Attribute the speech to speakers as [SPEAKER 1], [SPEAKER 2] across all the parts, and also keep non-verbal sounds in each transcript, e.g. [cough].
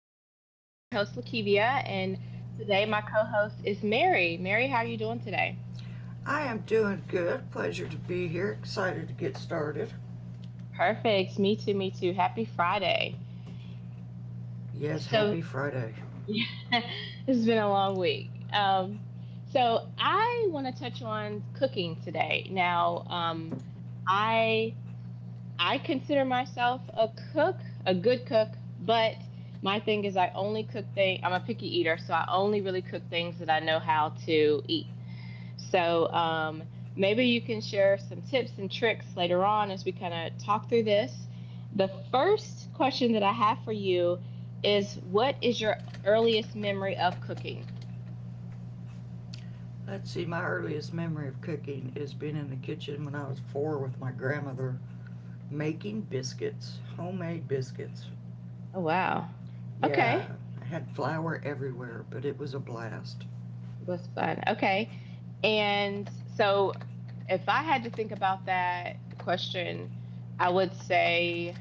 [SPEAKER 1] podcast. I'm your host Lakivia and today my co-host is Mary. Mary, how are you doing today?
[SPEAKER 2] I am doing good. Pleasure to be here. Excited to get started.
[SPEAKER 1] Perfect. Me too. Happy Friday.
[SPEAKER 2] Yes, happy
[SPEAKER 1] So
[SPEAKER 2] Friday.
[SPEAKER 1] [laughs] it's been a long week. So I want to touch on cooking today. Now, I I consider myself a cook, a good cook, but my thing is I only cook things, I'm a picky eater, so I only really cook things that I know how to eat. So um, Maybe you can share some tips and tricks later on as we kind of talk through this. The first question that I have for you is, what is your earliest memory of cooking?
[SPEAKER 2] Let's see, my earliest memory of cooking is being in the kitchen when I was four with my grandmother making biscuits, homemade biscuits.
[SPEAKER 1] Oh, wow. Okay.
[SPEAKER 2] Yeah, I had flour everywhere, but it was a blast.
[SPEAKER 1] Was fun. Okay. And so if I had to think about that question, I would say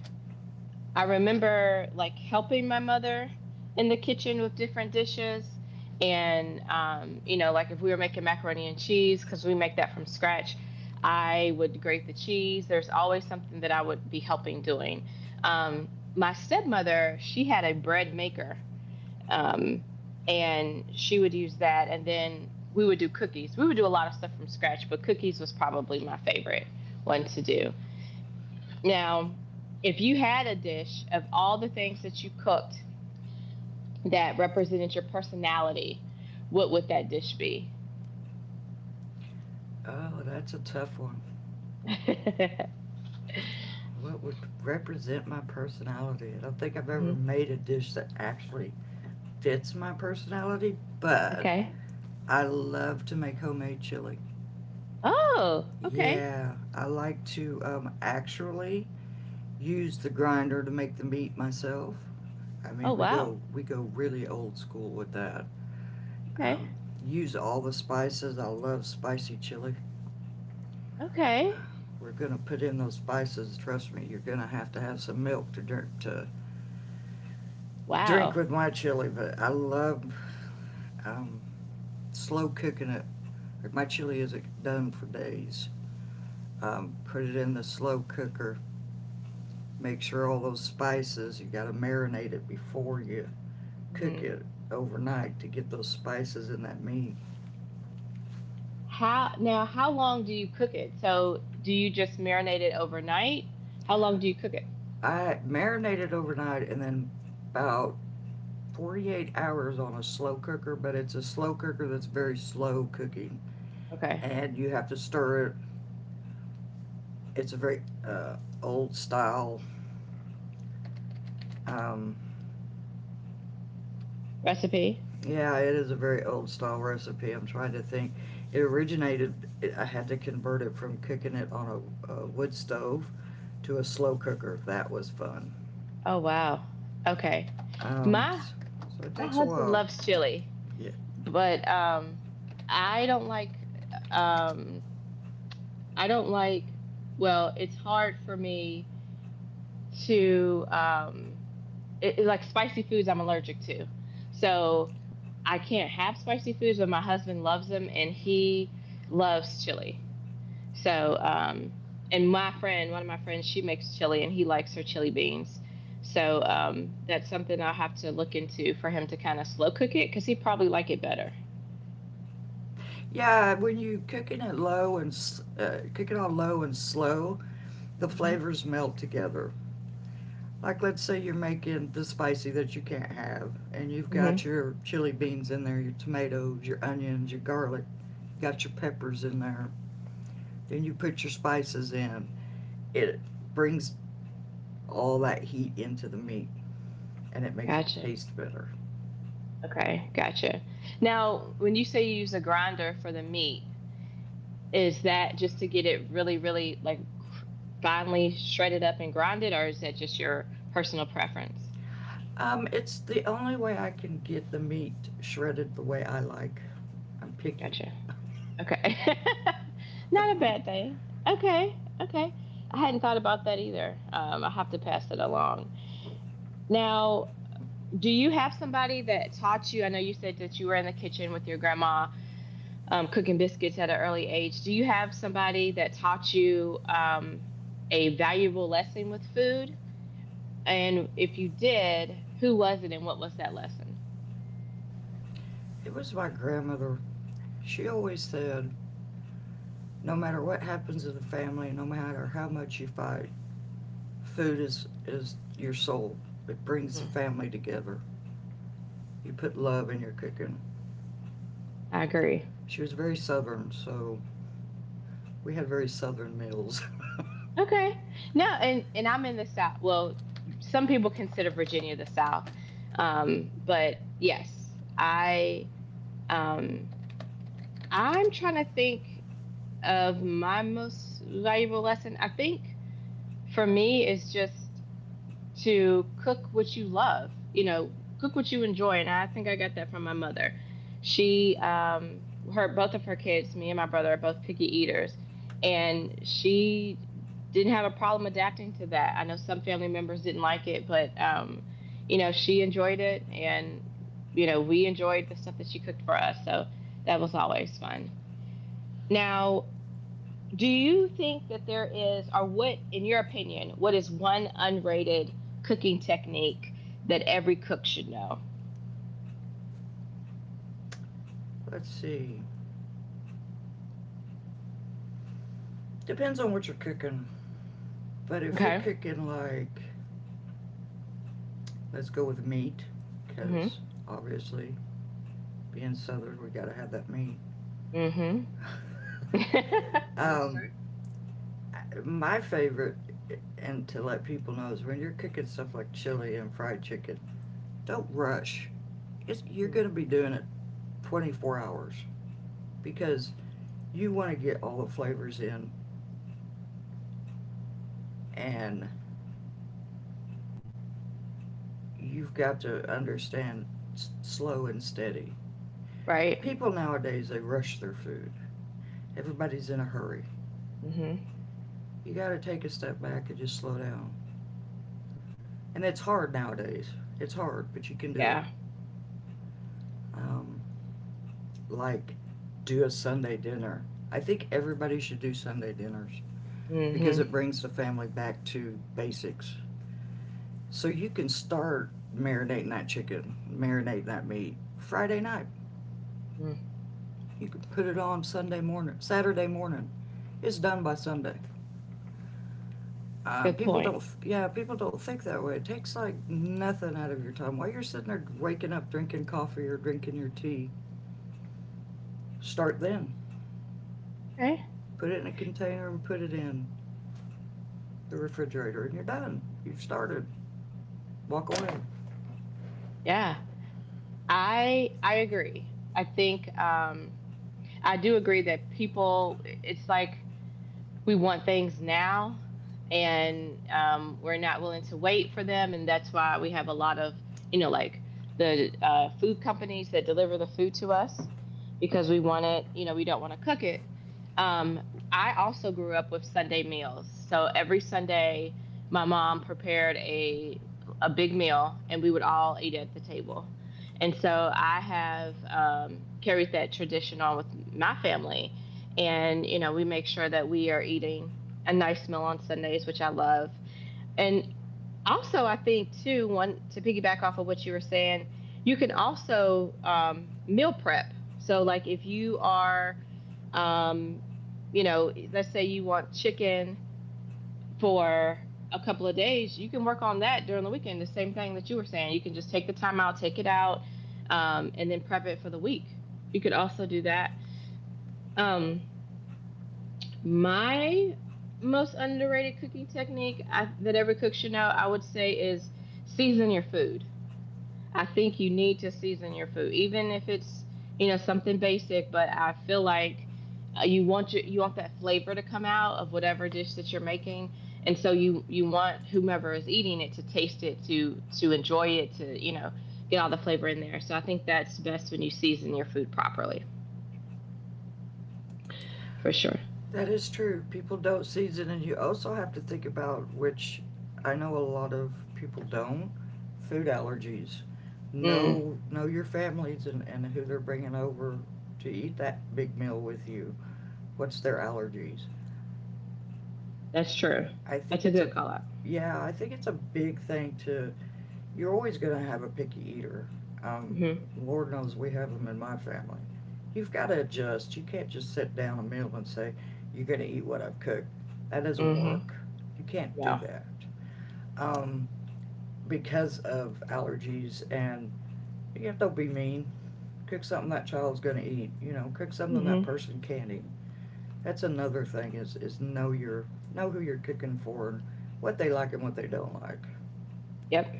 [SPEAKER 1] I remember like helping my mother in the kitchen with different dishes. And, you know, like if we were making macaroni and cheese, because we make that from scratch, I would grate the cheese. There's always something that I would be helping doing. Um, my stepmother, she had a bread maker um, and she would use that. And then we would do cookies. We would do a lot of stuff from scratch, but cookies was probably my favorite one to do. Now, if you had a dish of all the things that you cooked that represented your personality, what would that dish be? [laughs]
[SPEAKER 2] Oh, that's a tough one. What would represent my personality? I don't think I've ever
[SPEAKER 1] Mhm.
[SPEAKER 2] made a dish that actually fits my personality, but
[SPEAKER 1] Okay.
[SPEAKER 2] I love to make homemade chili.
[SPEAKER 1] Oh, okay.
[SPEAKER 2] Yeah, I like to actually use the grinder to make the meat myself. I
[SPEAKER 1] Oh,
[SPEAKER 2] mean, we
[SPEAKER 1] wow.
[SPEAKER 2] go we go really old school with that.
[SPEAKER 1] Okay.
[SPEAKER 2] Um, Use all the spices. I love spicy chili.
[SPEAKER 1] Okay.
[SPEAKER 2] We're gonna put in those spices. Trust me, you're gonna have to have some milk to drink
[SPEAKER 1] Wow.
[SPEAKER 2] with my chili. But I love um, slow cooking it. Like, my chili isn't done for days. Put it in the slow cooker. Make sure all those spices. You gotta marinate it before you cook
[SPEAKER 1] Mm-hmm.
[SPEAKER 2] it overnight to get those spices in that meat.
[SPEAKER 1] How now, how long do you cook it? So do you just marinate it overnight? How long do you cook it?
[SPEAKER 2] I marinated overnight and then about 48 hours on a slow cooker, but it's a slow cooker that's very slow cooking
[SPEAKER 1] Okay.
[SPEAKER 2] and you have to stir it. It's a very old style. Um,
[SPEAKER 1] Recipe?
[SPEAKER 2] yeah, it is a very old style recipe. I'm trying to think. It originated, I had to convert it from cooking it on a wood stove to a slow cooker. That was fun.
[SPEAKER 1] Oh wow. Okay. My
[SPEAKER 2] So it
[SPEAKER 1] my
[SPEAKER 2] takes a
[SPEAKER 1] husband
[SPEAKER 2] while.
[SPEAKER 1] loves chili,
[SPEAKER 2] Yeah.
[SPEAKER 1] but I don't like um I don't like, well, it's hard for me to spicy foods I'm allergic to. So I can't have spicy foods, but my husband loves them and he loves chili. So, and my friend, one of my friends, she makes chili and he likes her chili beans. That's something I'll have to look into for him to kind of slow cook it because he'd probably like it better.
[SPEAKER 2] Yeah, when you cooking it low and cook it on low and slow, the
[SPEAKER 1] Hmm.
[SPEAKER 2] flavors melt together. Like let's say you're making the spicy that you can't have, and you've
[SPEAKER 1] Hmm.
[SPEAKER 2] got your chili beans in there, your tomatoes, your onions, your garlic, got your peppers in there. Then you put your spices in. It brings all that heat into the meat, and it makes it
[SPEAKER 1] Gotcha.
[SPEAKER 2] taste better.
[SPEAKER 1] Okay, gotcha. Now, when you say you use a grinder for the meat, is that just to get it really, really like finely shredded up and grinded, or is that just your personal preference?
[SPEAKER 2] It's the only way I can get the meat shredded the way I like. I'm picky.
[SPEAKER 1] Gotcha. Okay. [laughs] Not a
[SPEAKER 2] [laughs]
[SPEAKER 1] bad thing. Okay. Okay. I hadn't thought about that either. I have to pass it along. Now, do you have somebody that taught you? I know you said that you were in the kitchen with your grandma cooking biscuits at an early age. Do you have somebody that taught you a valuable lesson with food? And if you did, who was it and what was that lesson?
[SPEAKER 2] It was my grandmother. She always said, no matter what happens in the family, no matter how much you fight, food is your soul. It brings the
[SPEAKER 1] Hmm.
[SPEAKER 2] family together. You put love in your cooking.
[SPEAKER 1] I agree.
[SPEAKER 2] She was very Southern, so we had very Southern meals.
[SPEAKER 1] Okay. No, and I'm in the South. Well, some people consider Virginia the South, but yes, um, I'm trying to think of my most valuable lesson. I think for me is just to cook what you love, you know, cook what you enjoy. And I think I got that from my mother. She, her, both of her kids, me and my brother are both picky eaters. And she didn't have a problem adapting to that. I know some family members didn't like it, but, you know, she enjoyed it. And, you know, we enjoyed the stuff that she cooked for us. So that was always fun. Now, do you think that there is, or what, in your opinion, what is one unrated cooking technique that every cook should know?
[SPEAKER 2] [laughs] Let's see. Depends on what you're cooking. But if you're
[SPEAKER 1] Okay.
[SPEAKER 2] cooking like, let's go with meat,
[SPEAKER 1] Mhm.
[SPEAKER 2] because obviously being Southern, we gotta have that meat.
[SPEAKER 1] Mhm. [laughs]
[SPEAKER 2] [laughs]
[SPEAKER 1] That is
[SPEAKER 2] um,
[SPEAKER 1] true.
[SPEAKER 2] my favorite, and to let people know, is when you're cooking stuff like chili and fried chicken, don't rush. It's, you're
[SPEAKER 1] Mm.
[SPEAKER 2] going to be doing it 24 hours because you want to get all the flavors in, and you've got to understand slow and steady.
[SPEAKER 1] Right.
[SPEAKER 2] People nowadays, they rush their food. Everybody's in a hurry.
[SPEAKER 1] Mhm.
[SPEAKER 2] You got to take a step back and just slow down. And it's hard nowadays. It's hard, but you can do
[SPEAKER 1] Yeah.
[SPEAKER 2] it. Um, like do a Sunday dinner. I think everybody should do Sunday dinners because
[SPEAKER 1] Mhm.
[SPEAKER 2] it brings the family back to basics. So you can start marinating that chicken, marinating that meat Friday night.
[SPEAKER 1] Mm.
[SPEAKER 2] You can put it on Sunday morning, Saturday morning. It's done by Sunday.
[SPEAKER 1] Good
[SPEAKER 2] People
[SPEAKER 1] point.
[SPEAKER 2] don't, Yeah, people don't think that way. It takes like nothing out of your time. While you're sitting there waking up, drinking coffee or drinking your tea, start then.
[SPEAKER 1] Okay.
[SPEAKER 2] Put it in a container and put it in the refrigerator, and you're done. You've started. Walk away.
[SPEAKER 1] Yeah. I agree. I think I do agree that people it's like we want things now and we're not willing to wait for them, and that's why we have a lot of, you know, like the food companies that deliver the food to us because we want it, you know, we don't want to cook it. Um, i also grew up with Sunday meals, so every Sunday my mom prepared a big meal and we would all eat at the table, and so I have carried that tradition on with my family, and you know we make sure that we are eating a nice meal on Sundays, which I love. And also I think too, one to piggyback off of what you were saying, you can also meal prep. So like if you are um, you know, let's say you want chicken for a couple of days, you can work on that during the weekend, the same thing that you were saying. You can just take the time out, take it out, and then prep it for the week. You could also do that. Um, my most underrated cooking technique that every cook should know, I would say, is season your food. I think you need to season your food, even if it's you know something basic. But I feel like you want you want that flavor to come out of whatever dish that you're making, and so you want whomever is eating it to taste it, to enjoy it, to you know get all the flavor in there. So I think that's best when you season your food properly, for sure.
[SPEAKER 2] That is true. People don't season, and you also have to think about which I know a lot of people don't food allergies.
[SPEAKER 1] Mm,
[SPEAKER 2] Know your families and, who they're bringing over to eat that big meal with you. What's their allergies?
[SPEAKER 1] that's true.
[SPEAKER 2] I think
[SPEAKER 1] That's a
[SPEAKER 2] it's
[SPEAKER 1] good
[SPEAKER 2] a
[SPEAKER 1] call out.
[SPEAKER 2] Yeah. I think it's a big thing to you're always going to have a picky eater. Um,
[SPEAKER 1] Hmm.
[SPEAKER 2] Lord knows we have them in my family. You've got to adjust. You can't just sit down a meal and say, you're going to eat what I've cooked. That doesn't
[SPEAKER 1] Mhm.
[SPEAKER 2] work. You can't do
[SPEAKER 1] Yeah.
[SPEAKER 2] that. Um, because of allergies and you know, don't be mean. Cook something that child's going to eat. You know, cook something that
[SPEAKER 1] Mhm.
[SPEAKER 2] person can't eat. That's another thing is know your know who you're cooking for and what they like and what they don't like.
[SPEAKER 1] Yep.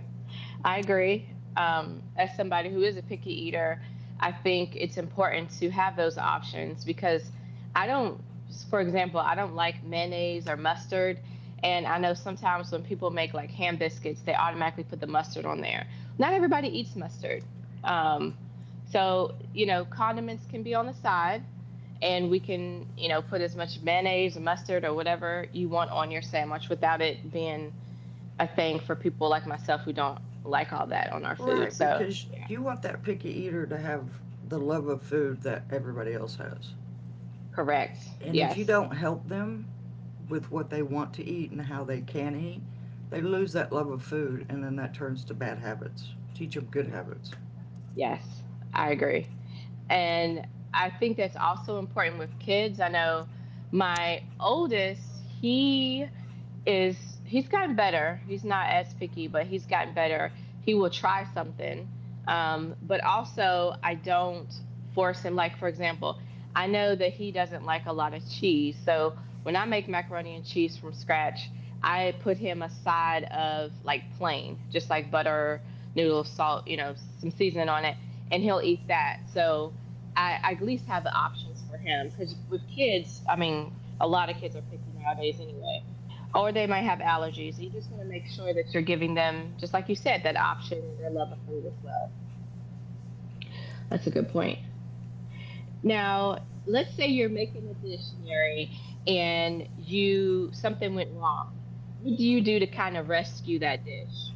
[SPEAKER 1] I agree. As somebody who is a picky eater, I think it's important to have those options because I don't, for example, I don't like mayonnaise or mustard. And I know sometimes when people make like ham biscuits, they automatically put the mustard on there. Not everybody eats mustard. Um, so, you know, condiments can be on the side and we can, you know, put as much mayonnaise or mustard or whatever you want on your sandwich without it being a thing for people like myself who don't like all that on our food.
[SPEAKER 2] Right,
[SPEAKER 1] So,
[SPEAKER 2] because
[SPEAKER 1] yeah,
[SPEAKER 2] you want that picky eater to have the love of food that everybody else has.
[SPEAKER 1] correct.
[SPEAKER 2] And if
[SPEAKER 1] Yes.
[SPEAKER 2] you don't help them with what they want to eat and how they can eat, they lose that love of food and then that turns to bad habits. Teach them good habits.
[SPEAKER 1] Yes, I agree. And I think that's also important with kids. I know my oldest, he is he's gotten better. He's not as picky, but he's gotten better. He will try something. But also, I don't force him. Like, for example, I know that he doesn't like a lot of cheese. So when I make macaroni and cheese from scratch, I put him a side of like plain, just like butter, noodles, salt, you know, some seasoning on it, and he'll eat that. So I at least have the options for him because with kids, I mean, a lot of kids are picky nowadays anyway, or they might have allergies. You just want to make sure that you're giving them, just like you said, that option and their love of food as well. That's a good point. Now, let's say you're making a dish, Mary, and you something went wrong. What do you do to kind of rescue that dish?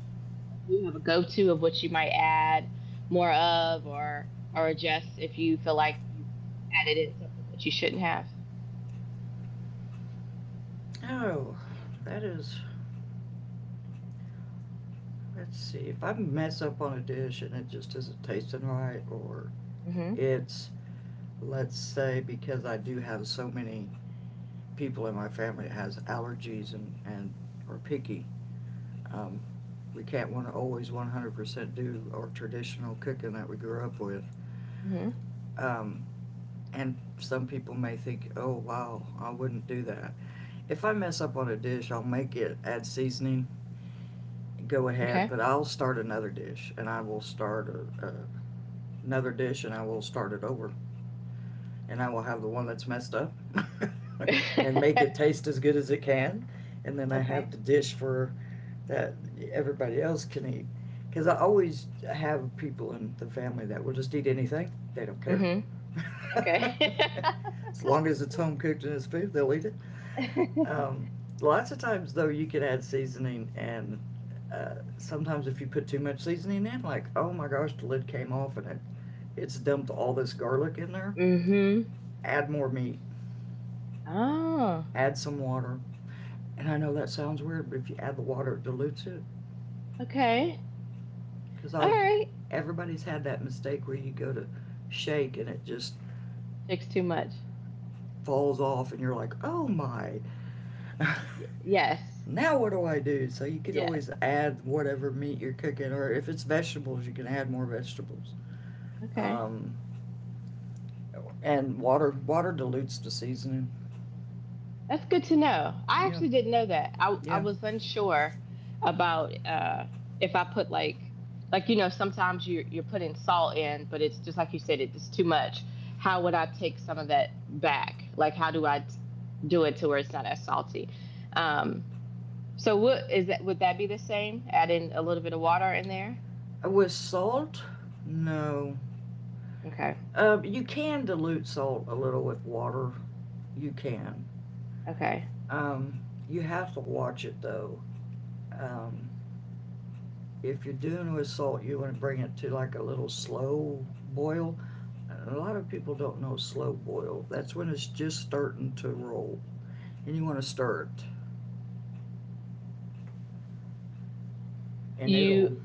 [SPEAKER 1] Like, do you have a go-to of what you might add more of, or adjust if you feel like you added in something that you shouldn't have?
[SPEAKER 2] Oh, that is, let's see, if I mess up on a dish and it just isn't tasting right, or
[SPEAKER 1] Hmm.
[SPEAKER 2] it's, let's say, because I do have so many people in my family that has allergies and, are picky, um, we can't want to always 100% do our traditional cooking that we grew up with.
[SPEAKER 1] Hmm.
[SPEAKER 2] Um, and some people may think, oh, wow, I wouldn't do that. If I mess up on a dish, I'll make it, add seasoning, go ahead,
[SPEAKER 1] Okay.
[SPEAKER 2] but I'll start another dish and I will start a, a, another dish and I will start it over. And I will have the one that's messed up [laughs] and make
[SPEAKER 1] [laughs]
[SPEAKER 2] it taste as good as it can. And then I have
[SPEAKER 1] Okay.
[SPEAKER 2] the dish for that everybody else can eat. Because I always have people in the family that will just eat anything. They don't care.
[SPEAKER 1] Hmm.
[SPEAKER 2] [laughs]
[SPEAKER 1] Okay. [laughs]
[SPEAKER 2] As long as it's home cooked and it's food, they'll eat it. Um,
[SPEAKER 1] [laughs]
[SPEAKER 2] Lots of times, though, you can add seasoning, and sometimes if you put too much seasoning in, like, oh my gosh, the lid came off and it's dumped all this garlic in there,
[SPEAKER 1] Mm-hmm.
[SPEAKER 2] add more meat,
[SPEAKER 1] Oh,
[SPEAKER 2] add some water. And I know that sounds weird, but if you add the water, it dilutes it.
[SPEAKER 1] okay.
[SPEAKER 2] Because
[SPEAKER 1] All
[SPEAKER 2] I've
[SPEAKER 1] right.
[SPEAKER 2] Everybody's had that mistake where you go to shake and it just
[SPEAKER 1] Fix too much.
[SPEAKER 2] falls off, and you're like, oh my, [laughs]
[SPEAKER 1] Y- yes.
[SPEAKER 2] now what do I do? So you can
[SPEAKER 1] Yeah.
[SPEAKER 2] always add whatever meat you're cooking, or if it's vegetables, you can add more vegetables.
[SPEAKER 1] Okay.
[SPEAKER 2] Um, and water dilutes the seasoning.
[SPEAKER 1] That's good to know. I
[SPEAKER 2] Yeah,
[SPEAKER 1] actually didn't know that. I
[SPEAKER 2] yeah.
[SPEAKER 1] was unsure about if I put like you know sometimes you you're putting salt in, but it's just like you said, it's too much. How would I take some of that back? Like how do I do it to where it's not as salty? Um. So what is that? Would that be the same? Add in a little bit of water in there?
[SPEAKER 2] With salt, no.
[SPEAKER 1] Okay.
[SPEAKER 2] You can dilute salt a little with water. You can.
[SPEAKER 1] Okay.
[SPEAKER 2] Um, you have to watch it though. Um, If you're doing with salt, you want to bring it to like a little slow boil. A lot of people don't know slow boil. That's when it's just starting to roll, and you want to stir it, and it'll.
[SPEAKER 1] You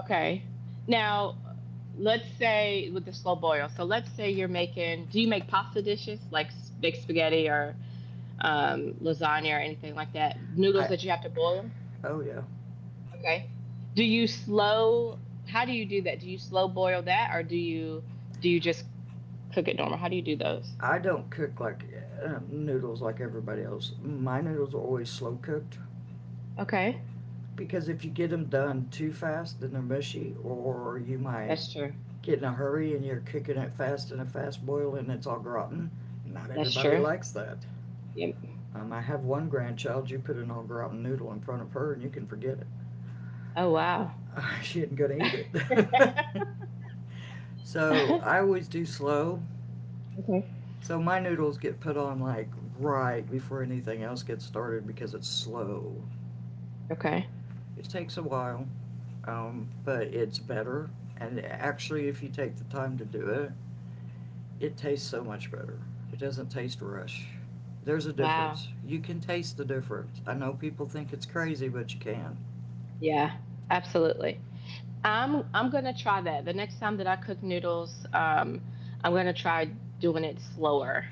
[SPEAKER 1] okay. Now let's say with the slow boil. So let's say you're making, do you make pasta dishes like big spaghetti or lasagna or anything like that? Noodles
[SPEAKER 2] I
[SPEAKER 1] that you have to boil?
[SPEAKER 2] Oh yeah.
[SPEAKER 1] Okay. Do you slow, how do you do that? Do you slow boil that or do you, do you just cook it normal? How do you do those?
[SPEAKER 2] I don't cook like noodles like everybody else. My noodles are always slow cooked
[SPEAKER 1] Okay.
[SPEAKER 2] because if you get them done too fast, then they're mushy, or you might
[SPEAKER 1] That's true.
[SPEAKER 2] get in a hurry and you're cooking it fast in a fast boil and it's all rotten. Not
[SPEAKER 1] That's
[SPEAKER 2] everybody
[SPEAKER 1] true.
[SPEAKER 2] likes that.
[SPEAKER 1] Yep.
[SPEAKER 2] I have one grandchild. You put an au gratin noodle in front of her, and you can forget it.
[SPEAKER 1] Oh wow.
[SPEAKER 2] [laughs] She isn't going to
[SPEAKER 1] [laughs]
[SPEAKER 2] eat it. [laughs] So
[SPEAKER 1] Okay.
[SPEAKER 2] I always do slow. So my noodles get put on like right before anything else gets started because it's slow.
[SPEAKER 1] Okay.
[SPEAKER 2] It takes a while, but it's better. And actually, if you take the time to do it, it tastes so much better. It doesn't taste rush. There's a
[SPEAKER 1] Wow.
[SPEAKER 2] difference. You can taste the difference. I know people think it's crazy, but you can.
[SPEAKER 1] Yeah. Absolutely. I'm gonna try that. The next time that I cook noodles, I'm gonna try doing it slower.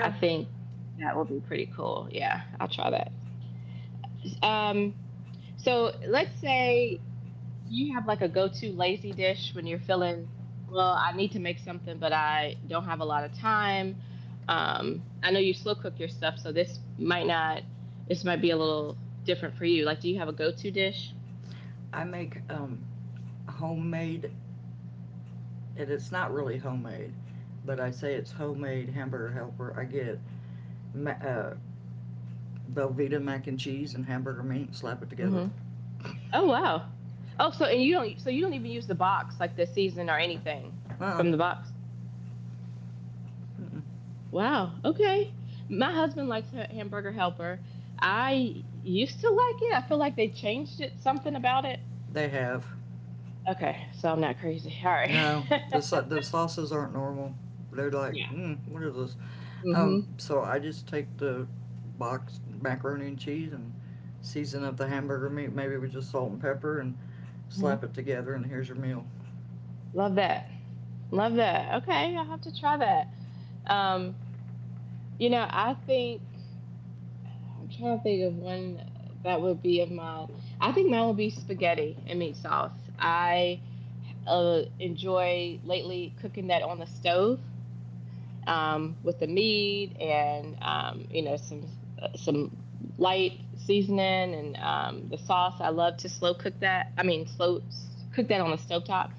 [SPEAKER 1] I think that will be pretty cool. Yeah, I'll try that. Um, so let's say you have like a go-to lazy dish when you're feeling, well, I need to make something, but I don't have a lot of time. I know you slow cook your stuff, so this might not, this might be a little different for you. Like, do you have a go-to dish?
[SPEAKER 2] I make homemade, and it's not really homemade, but I say it's homemade hamburger helper. I get ma- uh, Velveeta mac and cheese and hamburger meat, and slap it together.
[SPEAKER 1] Oh wow. Oh, so and you don't so you don't even use the box like the season or anything
[SPEAKER 2] Uh,
[SPEAKER 1] from the box. Wow. Okay. My husband likes Hamburger Helper. I used to like it. I feel like they changed it, something about it.
[SPEAKER 2] they have
[SPEAKER 1] Okay, so I'm not crazy. All right.
[SPEAKER 2] No.
[SPEAKER 1] [laughs]
[SPEAKER 2] The sauces aren't normal. They're like,
[SPEAKER 1] yeah.
[SPEAKER 2] mm, what is this?
[SPEAKER 1] Mhm.
[SPEAKER 2] So I just take the box macaroni and cheese and season up the hamburger meat, maybe with just salt and pepper, and
[SPEAKER 1] Mhm.
[SPEAKER 2] slap it together, and here's your meal.
[SPEAKER 1] Love that. Love that. Okay, I'll have to try that. Um, I think I'm trying to think of one that would be of mine. I think mine would be spaghetti and meat sauce. I enjoy lately cooking that on the stove, with the meat and um, some light seasoning and the sauce. I love to slow cook that. I mean, slow cook that on the stovetop,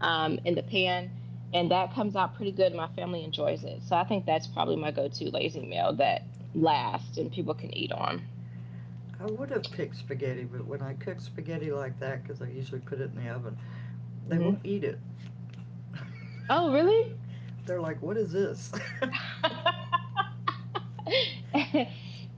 [SPEAKER 1] in the pan, and that comes out pretty good. My family enjoys it, so I think that's probably my go-to lazy meal that lasts and people can eat on.
[SPEAKER 2] I would have picked spaghetti, but when I cook spaghetti like that, because I usually put it in the oven, they won't
[SPEAKER 1] Hmm.
[SPEAKER 2] eat it.
[SPEAKER 1] Oh, really?
[SPEAKER 2] They're like, what is this? [laughs]
[SPEAKER 1] [laughs] [laughs]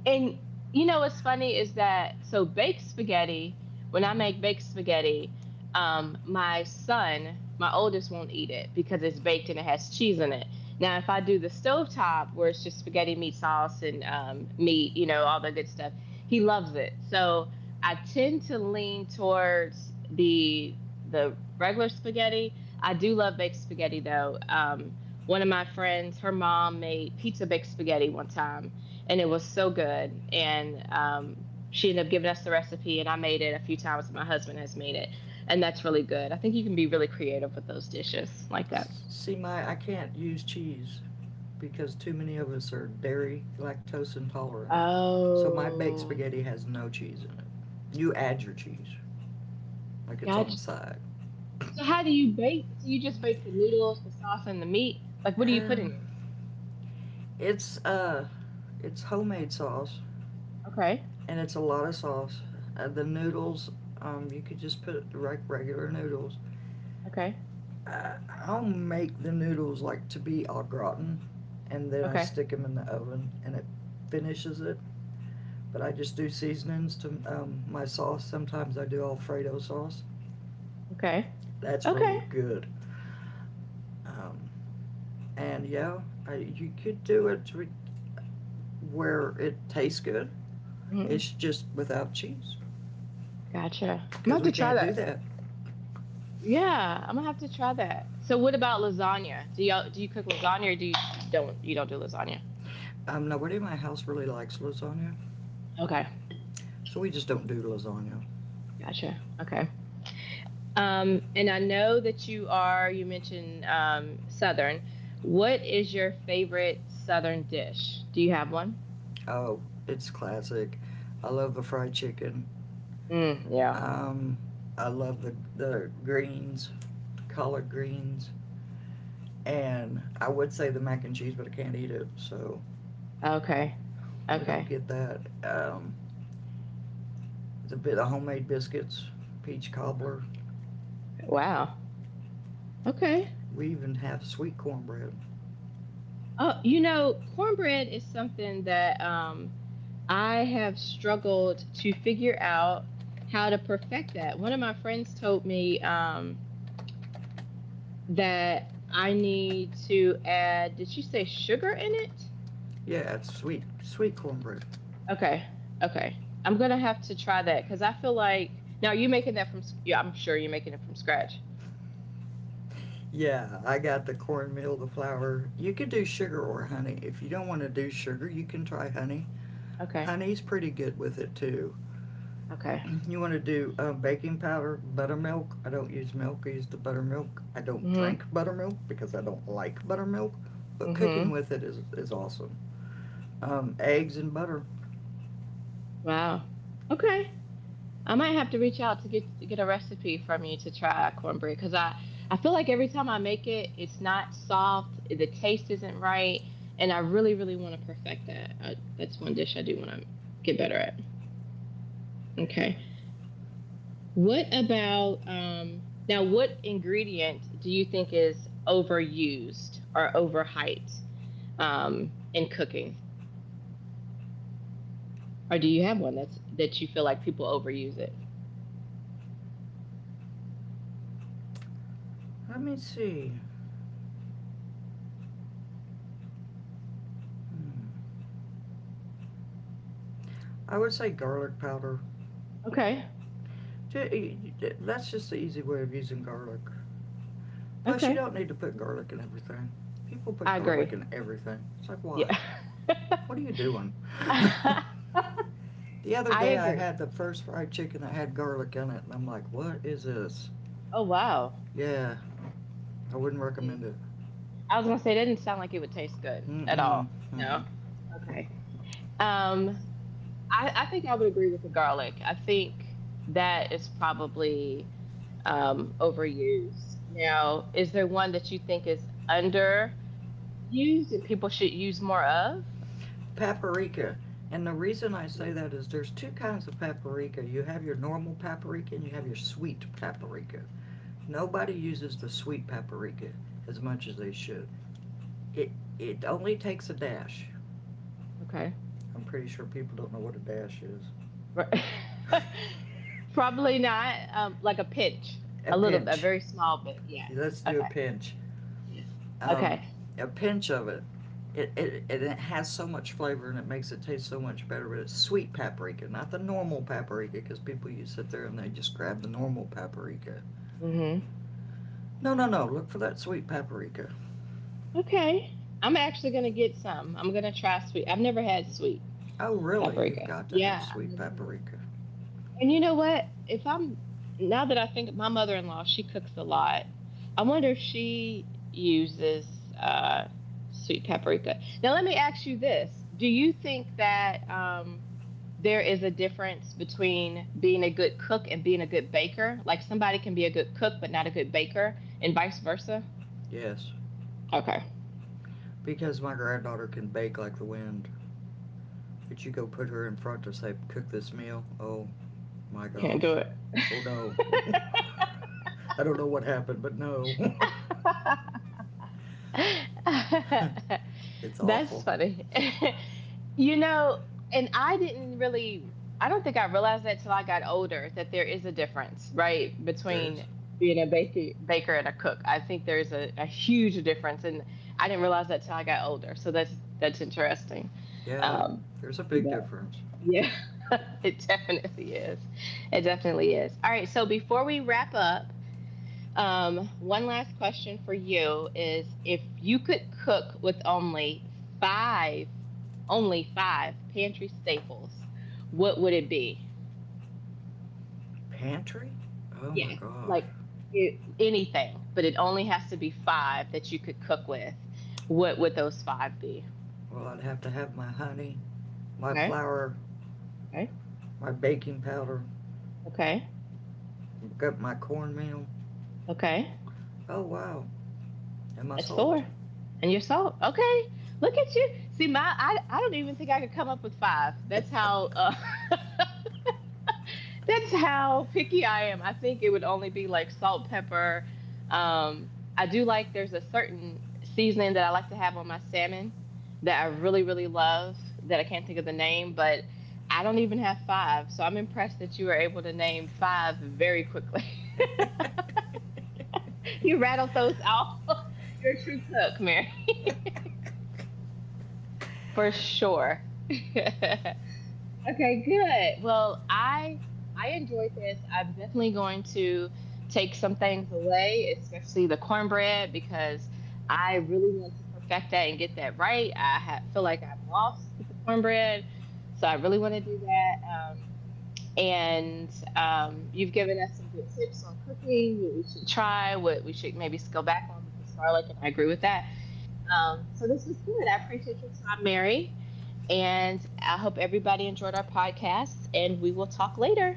[SPEAKER 1] And you know what's funny is that so baked spaghetti, when I make baked spaghetti, my son, my oldest won't eat it because it's baked and it has cheese in it. Now, if I do the stovetop where it's just spaghetti, meat sauce, and meat, you know, all the good stuff, he loves it. So I tend to lean towards the regular spaghetti. I do love baked spaghetti though. One of my friends, her mom made pizza baked spaghetti one time, and it was so good. And she ended up giving us the recipe, and I made it a few times. And My husband has made it, and that's really good. I think you can be really creative with those dishes like that.
[SPEAKER 2] See, my I can't use cheese because too many of us are dairy lactose intolerant. So my baked
[SPEAKER 1] Oh,
[SPEAKER 2] spaghetti has no cheese in it. You add your cheese, like it's on the
[SPEAKER 1] gotcha.
[SPEAKER 2] side.
[SPEAKER 1] So
[SPEAKER 2] [coughs]
[SPEAKER 1] how do you bake? So you just bake the noodles, the sauce, and the meat. Like, what do you put in
[SPEAKER 2] um,
[SPEAKER 1] yours?
[SPEAKER 2] it's uh, it's homemade sauce,
[SPEAKER 1] Okay,
[SPEAKER 2] and it's a lot of sauce. The noodles, you could just put like, regular noodles.
[SPEAKER 1] okay,
[SPEAKER 2] Uh, I'll make the noodles like to be au gratin, and then I
[SPEAKER 1] okay,
[SPEAKER 2] stick them in the oven and it finishes it. But I just do seasonings to my sauce. Sometimes I do Alfredo sauce.
[SPEAKER 1] okay,
[SPEAKER 2] That's
[SPEAKER 1] okay.
[SPEAKER 2] really good. Um, and yeah, you could do it to where it tastes good.
[SPEAKER 1] Mm,
[SPEAKER 2] It's just without cheese
[SPEAKER 1] gotcha. I'm gonna
[SPEAKER 2] because
[SPEAKER 1] have
[SPEAKER 2] we
[SPEAKER 1] to try
[SPEAKER 2] can't do
[SPEAKER 1] that.
[SPEAKER 2] that.
[SPEAKER 1] Yeah, I'm gonna have to try that. So what about lasagna? Do you cook lasagna or do you don't do lasagna?
[SPEAKER 2] Nobody in my house really likes lasagna,
[SPEAKER 1] Okay.
[SPEAKER 2] so we just don't do lasagna.
[SPEAKER 1] Gotcha. Okay. And I know that you are, you mentioned Southern. What is your favorite Southern dish? Do you have one?
[SPEAKER 2] Oh, it's classic. I love the fried chicken.
[SPEAKER 1] Mm, yeah.
[SPEAKER 2] Um, I love the greens, collard greens and I would say the mac and cheese, but I can't eat it, so
[SPEAKER 1] Okay.
[SPEAKER 2] we don't
[SPEAKER 1] Okay.
[SPEAKER 2] get that. The homemade biscuits, peach cobbler.
[SPEAKER 1] Wow. Okay.
[SPEAKER 2] We even have sweet cornbread.
[SPEAKER 1] Oh, you know, cornbread is something that I have struggled to figure out how to perfect that. One of my friends told me, that I need to add, did she say sugar in it?
[SPEAKER 2] Yeah, it's sweet cornbread.
[SPEAKER 1] Okay, okay. I'm going to have to try that because I feel like, now you're making that from, yeah, I'm sure you're making it from scratch.
[SPEAKER 2] Yeah, I got the cornmeal, the flour. You could do sugar or honey. If you don't want to do sugar, you can try honey.
[SPEAKER 1] Okay,
[SPEAKER 2] Honey's pretty good with it too.
[SPEAKER 1] okay.
[SPEAKER 2] You want to do baking powder, buttermilk. I don't use milk. I use the buttermilk. I don't
[SPEAKER 1] Mm
[SPEAKER 2] drink buttermilk because I don't like buttermilk.
[SPEAKER 1] hmm,
[SPEAKER 2] But
[SPEAKER 1] mm
[SPEAKER 2] cooking
[SPEAKER 1] hmm.
[SPEAKER 2] with it is awesome. Eggs and butter.
[SPEAKER 1] Wow. Okay. I might have to reach out to get a recipe from you to try cornbread because I feel like every time I make it, it's not soft, the taste isn't right, and I really really want to perfect that. I, that's one dish I do want to get better at. Okay, what about now? What ingredient do you think is overused or overhyped in cooking, or do you have one that you feel like people overuse it?
[SPEAKER 2] Let me see. Hmm. I would say garlic powder.
[SPEAKER 1] Okay,
[SPEAKER 2] That's just the easy way of using garlic. Plus, you
[SPEAKER 1] okay,
[SPEAKER 2] don't need to put garlic in everything. People put
[SPEAKER 1] I
[SPEAKER 2] garlic
[SPEAKER 1] agree.
[SPEAKER 2] in everything. It's like, why?
[SPEAKER 1] Yeah. [laughs]
[SPEAKER 2] What are you doing?
[SPEAKER 1] [laughs]
[SPEAKER 2] [laughs] The other
[SPEAKER 1] I
[SPEAKER 2] day, I
[SPEAKER 1] agree.
[SPEAKER 2] had the first fried chicken that had garlic in it, and I'm like, what is this?
[SPEAKER 1] Oh wow.
[SPEAKER 2] Yeah, I wouldn't
[SPEAKER 1] Mm.
[SPEAKER 2] recommend it.
[SPEAKER 1] I was gonna say it didn't sound like it would taste good at
[SPEAKER 2] Mm-mm,
[SPEAKER 1] all. No.
[SPEAKER 2] mm-mm.
[SPEAKER 1] Okay. Um, I think I would agree with the garlic. I think that is probably overused. Now, is there one that you think is underused that people should use more of?
[SPEAKER 2] Paprika. And the reason I say
[SPEAKER 1] Mm.
[SPEAKER 2] that is there's two kinds of paprika. You have your normal paprika and you have your sweet paprika. Nobody uses the sweet paprika as much as they should. It it only takes a dash.
[SPEAKER 1] Okay.
[SPEAKER 2] I'm pretty sure people don't know what a dash is.
[SPEAKER 1] Right. [laughs]
[SPEAKER 2] [laughs]
[SPEAKER 1] Probably not. Like a pinch,
[SPEAKER 2] A
[SPEAKER 1] a little, a
[SPEAKER 2] pinch.
[SPEAKER 1] very small bit.
[SPEAKER 2] Let's
[SPEAKER 1] Yeah.
[SPEAKER 2] do a
[SPEAKER 1] Okay.
[SPEAKER 2] pinch.
[SPEAKER 1] Yeah.
[SPEAKER 2] Um,
[SPEAKER 1] Okay.
[SPEAKER 2] a pinch of it. It has so much flavor and it makes it taste so much better, but it's sweet paprika, not the normal paprika, because people you sit there and they just grab the normal paprika.
[SPEAKER 1] Mm-hmm.
[SPEAKER 2] No, no, no, look for that sweet paprika.
[SPEAKER 1] Okay. I'm actually gonna get some. I'm gonna try sweet. I've never had sweet
[SPEAKER 2] Oh, really? You've
[SPEAKER 1] paprika.
[SPEAKER 2] got to have
[SPEAKER 1] Yeah, I've
[SPEAKER 2] sweet
[SPEAKER 1] never had it.
[SPEAKER 2] paprika.
[SPEAKER 1] And you know what? If I'm Now that I think my mother-in-law, she cooks a lot. I wonder if she uses uh, sweet paprika. Now let me ask you this: do you think that there is a difference between being a good cook and being a good baker? Like somebody can be a good cook but not a good baker, and vice versa.
[SPEAKER 2] Yes,
[SPEAKER 1] Okay,
[SPEAKER 2] because my granddaughter can bake like the wind. But you go put her in front to say, cook this meal? Oh my
[SPEAKER 1] you can't do
[SPEAKER 2] gosh.
[SPEAKER 1] it.
[SPEAKER 2] Oh no. [laughs] I don't know what happened, but no.
[SPEAKER 1] [laughs] [laughs]
[SPEAKER 2] [laughs] It's
[SPEAKER 1] That's
[SPEAKER 2] awful.
[SPEAKER 1] funny. [laughs] You know, and I didn't really, I don't think I realized that till I got older that there is a difference, right,
[SPEAKER 2] There is?
[SPEAKER 1] between being a baker and a cook. I think there's a huge difference, and I didn't realize that till I got older. So that's interesting.
[SPEAKER 2] Yeah,
[SPEAKER 1] Um, to
[SPEAKER 2] there's a
[SPEAKER 1] see
[SPEAKER 2] big
[SPEAKER 1] that.
[SPEAKER 2] difference.
[SPEAKER 1] Yeah, [laughs] it definitely is. It definitely is. All right, so before we wrap up, one last question for you is if you could cook with five, only five pantry staples, what would it be?
[SPEAKER 2] Pantry? Oh my
[SPEAKER 1] Yeah,
[SPEAKER 2] gosh.
[SPEAKER 1] like it, anything, but it only has to be five that you could cook with. What would those five be?
[SPEAKER 2] Well, I'd have to have my honey, my
[SPEAKER 1] Okay,
[SPEAKER 2] flour,
[SPEAKER 1] okay,
[SPEAKER 2] my baking powder,
[SPEAKER 1] okay,
[SPEAKER 2] got my cornmeal.
[SPEAKER 1] okay.
[SPEAKER 2] Oh wow, and my
[SPEAKER 1] That's
[SPEAKER 2] salt.
[SPEAKER 1] four. And you're so okay. Look at you. See, my I don't even think I could come up with five. That's how [laughs] that's how picky I am. I think it would only be like salt, pepper. Um, I do like there's a certain seasoning that I like to have on my salmon that I really, really love that I can't think of the name, but I don't even have five. So I'm impressed that you were able to name five very quickly.
[SPEAKER 2] [laughs]
[SPEAKER 1] [laughs] You rattled those off. [laughs] You're a true cook, Mary. For sure. [laughs] Okay, good. I enjoyed this. I'm definitely going to take some things away, especially the cornbread, because I really want to perfect that and get that right. Feel like I'm lost with the cornbread, so I really want to do that. And you've given us some good tips on cooking, what we should try, what we should maybe go back on, which is garlic, and I agree with that. So this was good. I appreciate your time, Mary. And I hope everybody enjoyed our podcast, and we will talk later.